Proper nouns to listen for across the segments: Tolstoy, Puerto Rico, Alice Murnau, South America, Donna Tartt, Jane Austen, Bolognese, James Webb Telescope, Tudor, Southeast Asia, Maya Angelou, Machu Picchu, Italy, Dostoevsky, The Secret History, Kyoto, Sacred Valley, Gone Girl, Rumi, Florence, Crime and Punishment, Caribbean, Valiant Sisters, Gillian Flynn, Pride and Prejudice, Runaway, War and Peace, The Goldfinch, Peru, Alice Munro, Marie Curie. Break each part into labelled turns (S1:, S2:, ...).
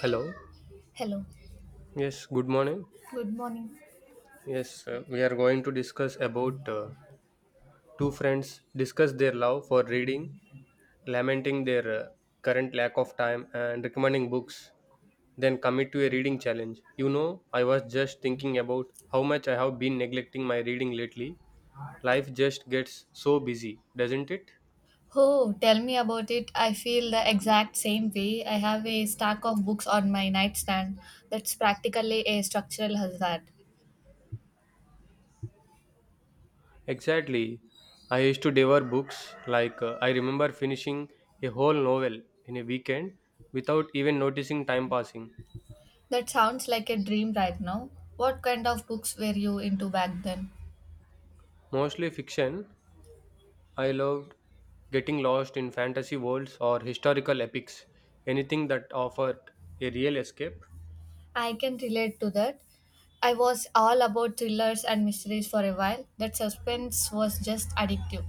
S1: Hello.
S2: Hello.
S1: Yes, good morning.
S2: Good morning.
S1: Yes, we are going to discuss about two friends discuss their love for reading, lamenting their current lack of time and recommending books, then commit to a reading challenge. You know, I was just thinking about how much I have been neglecting my reading lately. Life just gets so busy, doesn't it?
S2: Oh, tell me about it. I feel the exact same way. I have a stack of books on my nightstand that's practically a structural hazard.
S1: Exactly. I used to devour books like I remember finishing a whole novel in a weekend without even noticing time passing.
S2: That sounds like a dream right now. What kind of books were you into back then?
S1: Mostly fiction. I loved getting lost in fantasy worlds or historical epics. Anything that offered a real escape.
S2: I can relate to that. I was all about thrillers and mysteries for a while. That suspense was just addictive.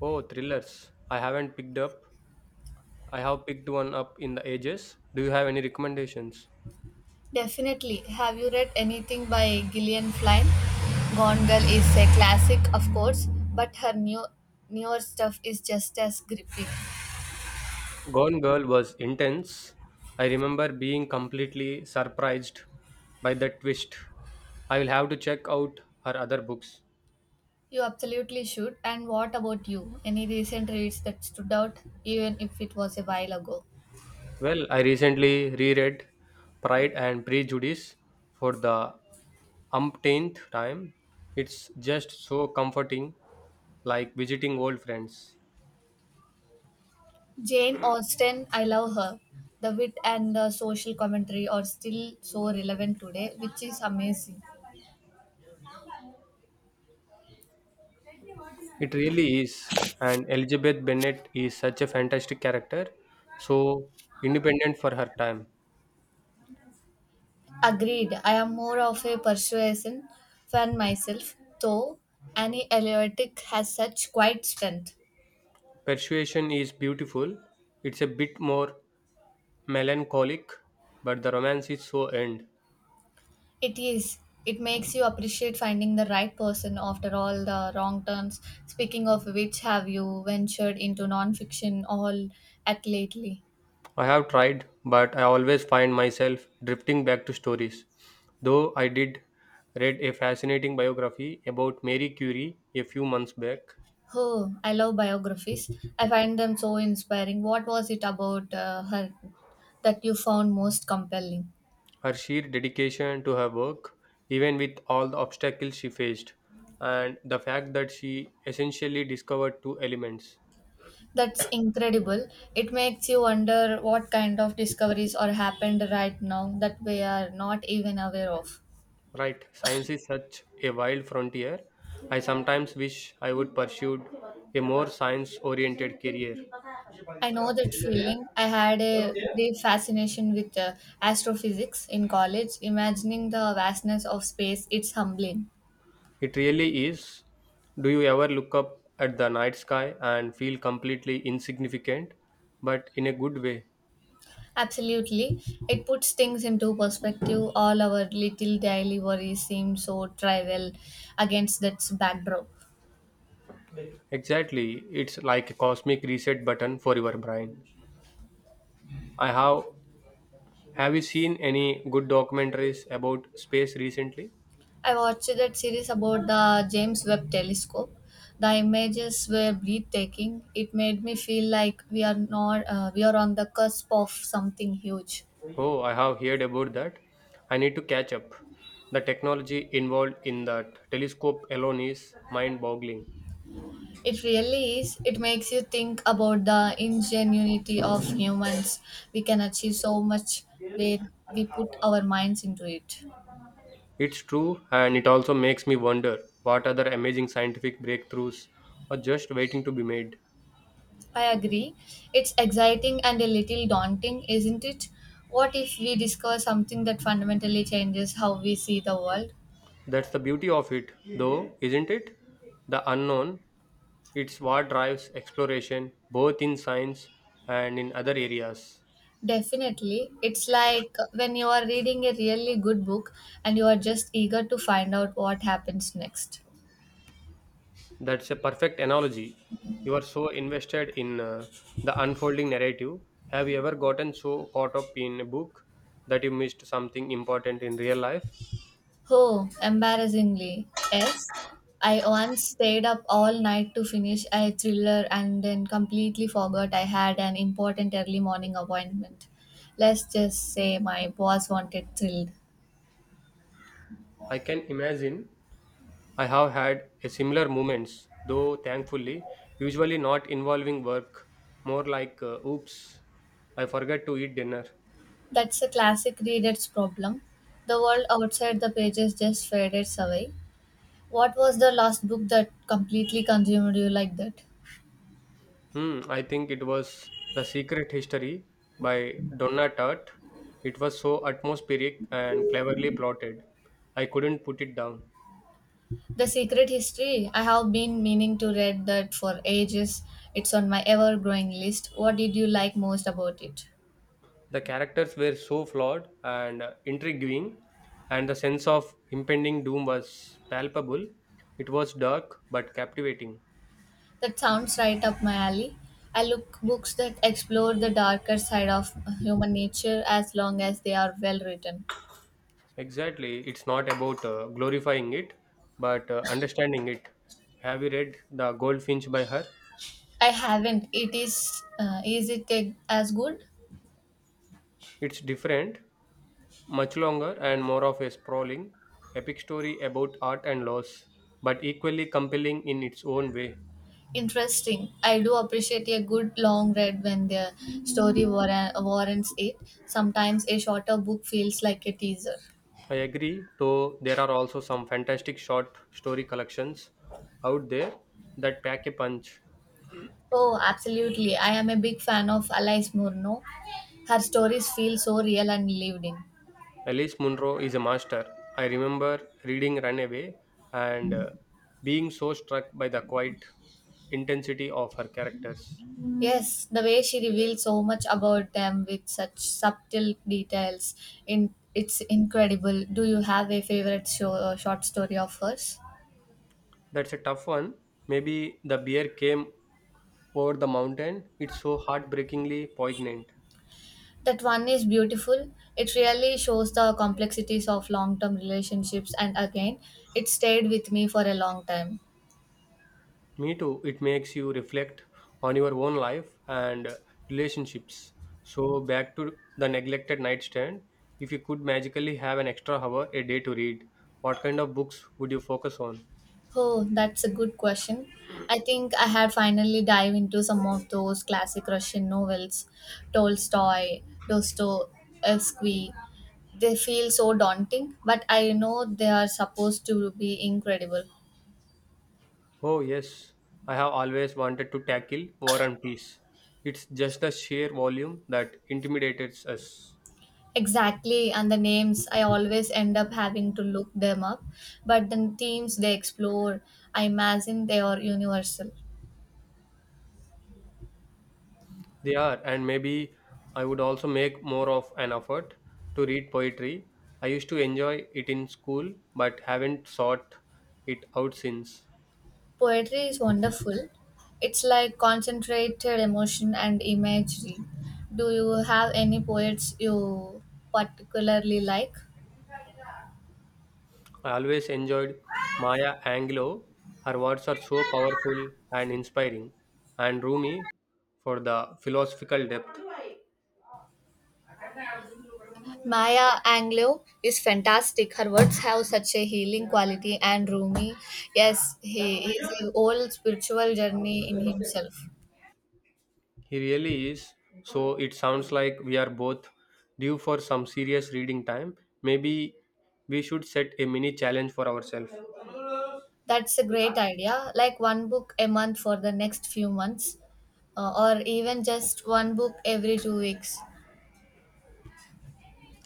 S1: Oh, thrillers. I haven't picked up. I have picked one up in the ages. Do you have any recommendations?
S2: Definitely. Have you read anything by Gillian Flynn? Gone Girl is a classic, of course, but her newer stuff is just as gripping.
S1: Gone Girl was intense. I remember being completely surprised by the twist. I will have to check out her other books.
S2: You absolutely should. And what about you? Any recent reads that stood out, even if it was a while ago?
S1: Well, I recently reread Pride and Prejudice for the umpteenth time. It's just so comforting, like visiting old friends.
S2: Jane Austen, I love her. The wit and the social commentary are still so relevant today, which is amazing.
S1: It really is. And Elizabeth Bennet is such a fantastic character, so independent for her time.
S2: Agreed. I am more of a persuasion fan myself, though any elevatic has such quiet strength.
S1: Persuasion is beautiful. It's a bit more melancholic, but the romance is so end.
S2: It is. It makes you appreciate finding the right person after all the wrong turns. Speaking of which, have you ventured into nonfiction all at lately?
S1: I have tried, but I always find myself drifting back to stories. Though I did read a fascinating biography about Mary Curie a few months back,
S2: Oh, I love biographies. I find them so inspiring. What was it about her that you found most compelling?
S1: her sheer dedication to her work, even with all the obstacles she faced, and the fact that she essentially discovered two elements.
S2: That's incredible. It makes you wonder what kind of discoveries are happened right now that we are not even aware of.
S1: Right, science is such a wild frontier. I sometimes wish I would pursue a more science oriented career.
S2: I know that feeling. I had a brief fascination with astrophysics in college. Imagining the vastness of space, it's humbling.
S1: It really is. Do you ever look up at the night sky and feel completely insignificant, but in a good way?
S2: Absolutely. It puts things into perspective. All our little daily worries seem so trivial against that backdrop.
S1: Exactly, it's like a cosmic reset button for your brain. I have. Have you seen any good documentaries about space recently?
S2: I watched that series about the James Webb Telescope. The images were breathtaking. It made me feel like we are not we are on the cusp of something huge.
S1: Oh, I have heard about that. I need to catch up. The technology involved in that telescope alone is mind boggling.
S2: It really is. It makes you think about the ingenuity of humans. We can achieve so much when we put our minds into it.
S1: It's true, and it also makes me wonder what other amazing scientific breakthroughs are just waiting to be made.
S2: I agree. It's exciting and a little daunting, isn't it? What if we discover something that fundamentally changes how we see the world?
S1: That's the beauty of it, though, isn't it? The unknown, it's what drives exploration both in science and in other areas.
S2: Definitely. It's like when you are reading a really good book and you are just eager to find out what happens next.
S1: That's a perfect analogy. You are so invested in the unfolding narrative. Have you ever gotten so caught up in a book that you missed something important in real life?
S2: Oh, embarrassingly. Yes. I once stayed up all night to finish a thriller and then completely forgot I had an important early morning appointment. Let's just say my boss wanted thrilled.
S1: I can imagine I have had a similar moments, though thankfully, usually not involving work, more like oops, I forgot to eat dinner.
S2: That's a classic reader's problem. The world outside the pages just fades away. What was the last book that completely consumed you like that?
S1: Hmm, I think it was The Secret History by Donna Tartt. It was so atmospheric and cleverly plotted. I couldn't put it down.
S2: The Secret History. I have been meaning to read that for ages. It's on my ever growing list. What did you like most about it?
S1: The characters were so flawed and intriguing, and the sense of impending doom was palpable. It was dark but captivating.
S2: That sounds right up my alley. I look books that explore the darker side of human nature as long as they are well written.
S1: Exactly, it's not about glorifying it, but understanding it. Have you read The Goldfinch by her?
S2: I haven't. It is it a- as good?
S1: It's different, much longer and more of a sprawling, epic story about art and loss, but equally compelling in its own way.
S2: Interesting. I do appreciate a good long read when the story warrants it. Sometimes a shorter book feels like a teaser.
S1: I agree, though there are also some fantastic short story collections out there that pack a punch.
S2: Oh, absolutely. I am a big fan of Alice Murnau. Her stories feel so real and lived in.
S1: Alice Munro is a master. I remember reading Runaway and being so struck by the quiet intensity of her characters.
S2: Yes, the way she reveals so much about them with such subtle details, in it's incredible. Do you have a favorite short story of hers?
S1: That's a tough one. Maybe the bear came over the mountain. It's so heartbreakingly poignant.
S2: That one is beautiful. It really shows the complexities of long-term relationships, and again, it stayed with me for a long time.
S1: Me too. It makes you reflect on your own life and relationships. So, back to the neglected nightstand. If you could magically have an extra hour a day to read, what kind of books would you focus on?
S2: Oh, that's a good question. I think I had finally dive into some of those classic Russian novels, Tolstoy, Dostoevsky. They feel so daunting, but I know they are supposed to be incredible.
S1: Oh, yes. I have always wanted to tackle War and Peace. It's just the sheer volume that intimidates us.
S2: Exactly, and the names I always end up having to look them up, but the themes they explore, I imagine they are universal.
S1: They are, and maybe I would also make more of an effort to read poetry. I used to enjoy it in school, but haven't sought it out since.
S2: Poetry is wonderful. It's like concentrated emotion and imagery. Do you have any poets you particularly like?
S1: I always enjoyed Maya Angelou. Her words are so powerful and inspiring, and Rumi for the philosophical depth.
S2: Maya Angelou is fantastic. Her words have such a healing quality and Rumi, yes, he is a whole spiritual journey in himself.
S1: He really is. So it sounds like we are both due for some serious reading time. Maybe we should set a mini challenge for ourselves.
S2: That's a great idea. Like one book a month for the next few months, or even just one book every two weeks.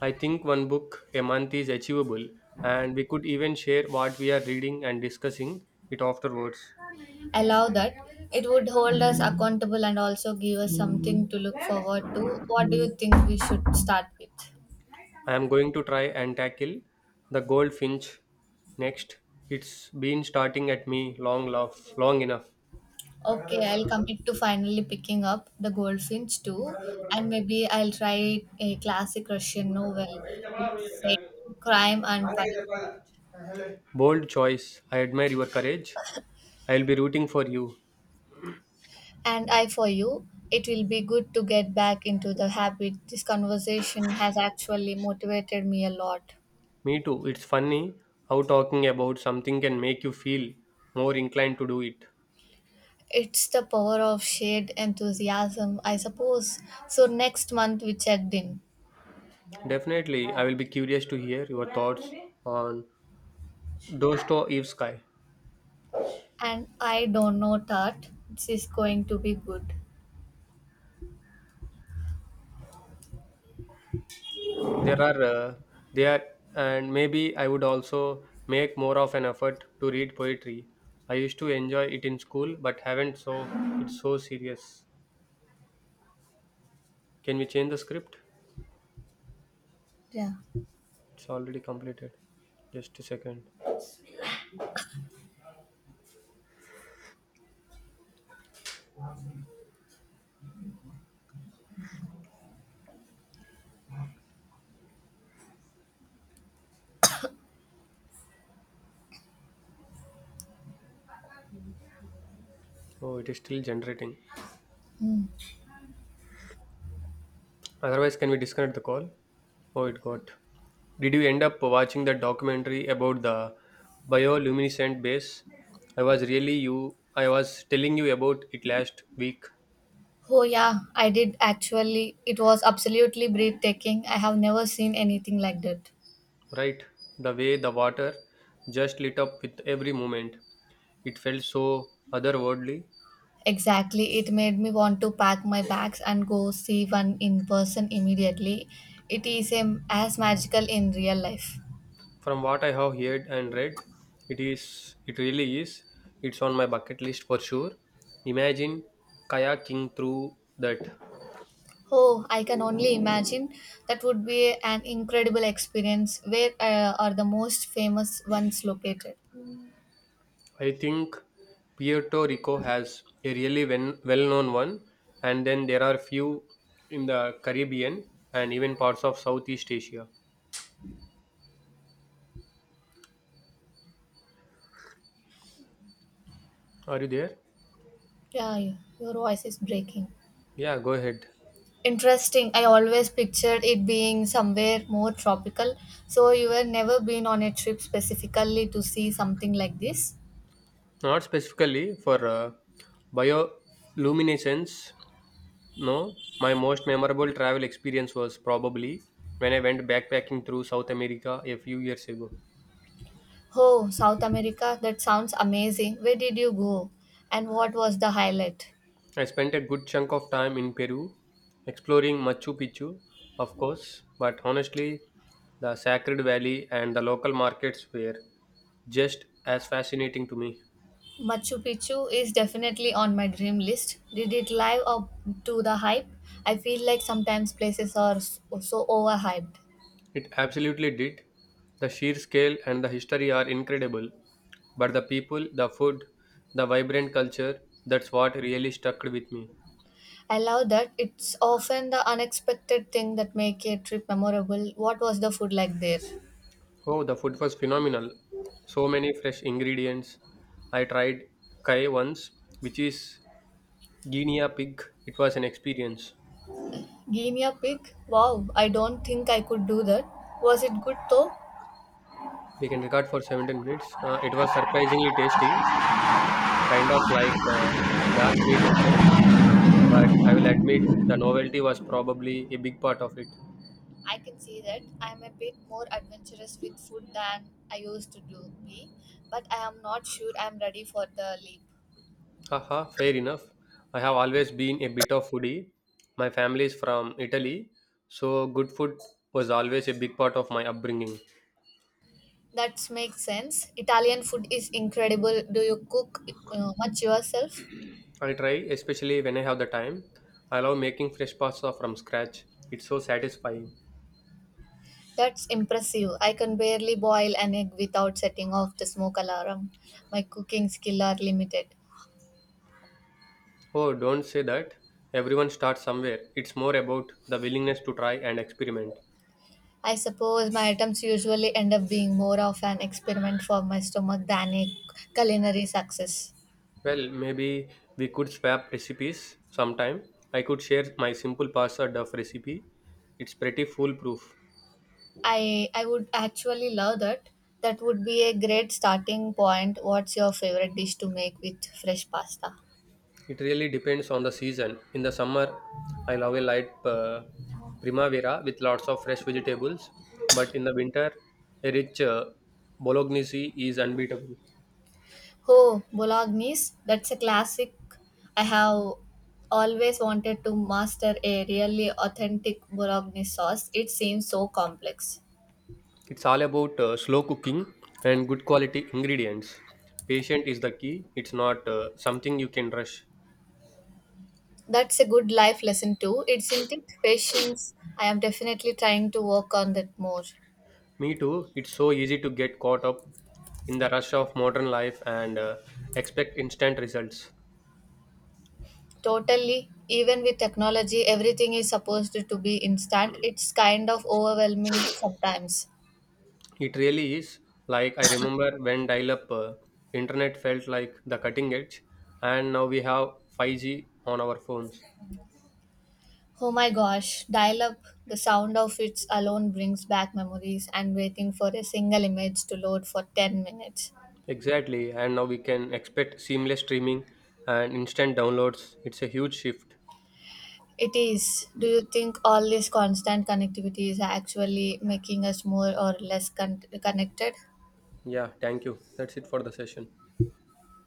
S1: I think one book a month is achievable, and we could even share what we are reading and discussing it afterwards.
S2: Allow that. It would hold us accountable and also give us something to look forward to. What do you think we should start with?
S1: I am going to try and tackle The Goldfinch next. It's been starting at me long, love, long enough.
S2: Okay, I'll commit to finally picking up the goldfinch too, and maybe I'll try a classic Russian novel, let's say Crime and Punishment.
S1: Bold choice. I admire your courage. I'll be rooting for you.
S2: And I for you, it will be good to get back into the habit. This conversation has actually motivated me a lot.
S1: Me too. It's funny how talking about something can make you feel more inclined to do it.
S2: It's the power of shared enthusiasm, I suppose. So next month we checked in.
S1: Definitely, I will be curious to hear your thoughts on Dostoevsky.
S2: And I don't know that this is going to be good.
S1: There are there and maybe I would also make more of an effort to read poetry. I used to enjoy it in school but haven't so it's so serious. Can we change the script?
S2: Yeah.
S1: It's already completed. Just a second. Oh, it is still generating. Otherwise, can we disconnect the call? Oh, it got. Did you end up watching that documentary about the bioluminescent base? I was really you. I was telling you about it last week,
S2: Oh yeah, I did actually. It was absolutely breathtaking. I have never seen anything like that.
S1: right? The way the water just lit up with every moment. It felt so otherworldly.
S2: Exactly. It made me want to pack my bags and go see one in person immediately. It is as magical in real life.
S1: From what I have heard and read, it really is. It's on my bucket list for sure. Imagine kayaking through that.
S2: Oh, I can only imagine. That would be an incredible experience. Where are the most famous ones located?
S1: I think Puerto Rico has a really well-known one, and then there are few in the Caribbean and even parts of Southeast Asia. Are you there?
S2: Yeah, your voice is breaking.
S1: Yeah, go ahead.
S2: Interesting. I always pictured it being somewhere more tropical. So you were never been on a trip specifically to see something like this?
S1: Not specifically for bioluminescence, no, my most memorable travel experience was probably when I went backpacking through South America a few years ago.
S2: Oh, South America. That sounds amazing. Where did you go? And what was the highlight?
S1: I spent a good chunk of time in Peru, exploring Machu Picchu, of course, but honestly, the Sacred Valley and the local markets were just as fascinating to me.
S2: Machu Picchu is definitely on my dream list. Did it live up to the hype? I feel like sometimes places are so overhyped.
S1: It absolutely did. The sheer scale and the history are incredible, but the people, the food, the vibrant culture, that's what really stuck with me.
S2: I love that it's often the unexpected thing that make a trip memorable. What was the food like there?
S1: Oh, the food was phenomenal. So many fresh ingredients. I tried kai once, which is guinea pig. It was an experience.
S2: Guinea pig? Wow, I don't think I could do that. Was it good though?
S1: We can record for 17 minutes. It was surprisingly tasty, kind of like dark meat chicken, but I will admit the novelty was probably a big part of it.
S2: I can see that I'm a bit more adventurous with food than I used to do be, but I am not sure I'm ready for the leap.
S1: Haha, fair enough. I have always been a bit of foodie. My family is from Italy, so good food was always a big part of my upbringing.
S2: That makes sense. Italian food is incredible. Do you cook much yourself?
S1: I try, especially when I have the time. I love making fresh pasta from scratch. It's so satisfying.
S2: That's impressive. I can barely boil an egg without setting off the smoke alarm. My cooking skills are limited.
S1: Oh, don't say that. Everyone starts somewhere. It's more about the willingness to try and experiment.
S2: I suppose my attempts usually end up being more of an experiment for my stomach than a culinary success.
S1: Well, maybe we could swap recipes sometime. I could share my simple pasta duff recipe. It's pretty foolproof.
S2: I would actually love that. That would be a great starting point. What's your favorite dish to make with fresh pasta?
S1: It really depends on the season. In the summer, I love a light primavera with lots of fresh vegetables, but in the winter, a rich bolognese is unbeatable.
S2: Oh, Bolognese, that's a classic. I have always wanted to master a really authentic Bolognese sauce. It seems so complex.
S1: It's all about slow cooking and good quality ingredients. Patient is the key. It's not something you can rush.
S2: That's a good life lesson too, isn't it? Patience. I am definitely trying to work on that more.
S1: Me too. It's so easy to get caught up in the rush of modern life and expect instant results.
S2: Totally. Even with technology, everything is supposed to be instant. It's kind of overwhelming sometimes.
S1: It really is. Like I remember when dial-up internet felt like the cutting edge, and now we have 5G on our phones.
S2: Oh my gosh, dial up, the sound of it alone brings back memories and waiting for a single image to load for 10 minutes.
S1: Exactly, and now we can expect seamless streaming and instant downloads. It's a huge shift.
S2: It is. Do you think all this constant connectivity is actually making us more or less connected?
S1: Yeah, thank you. That's it for the session.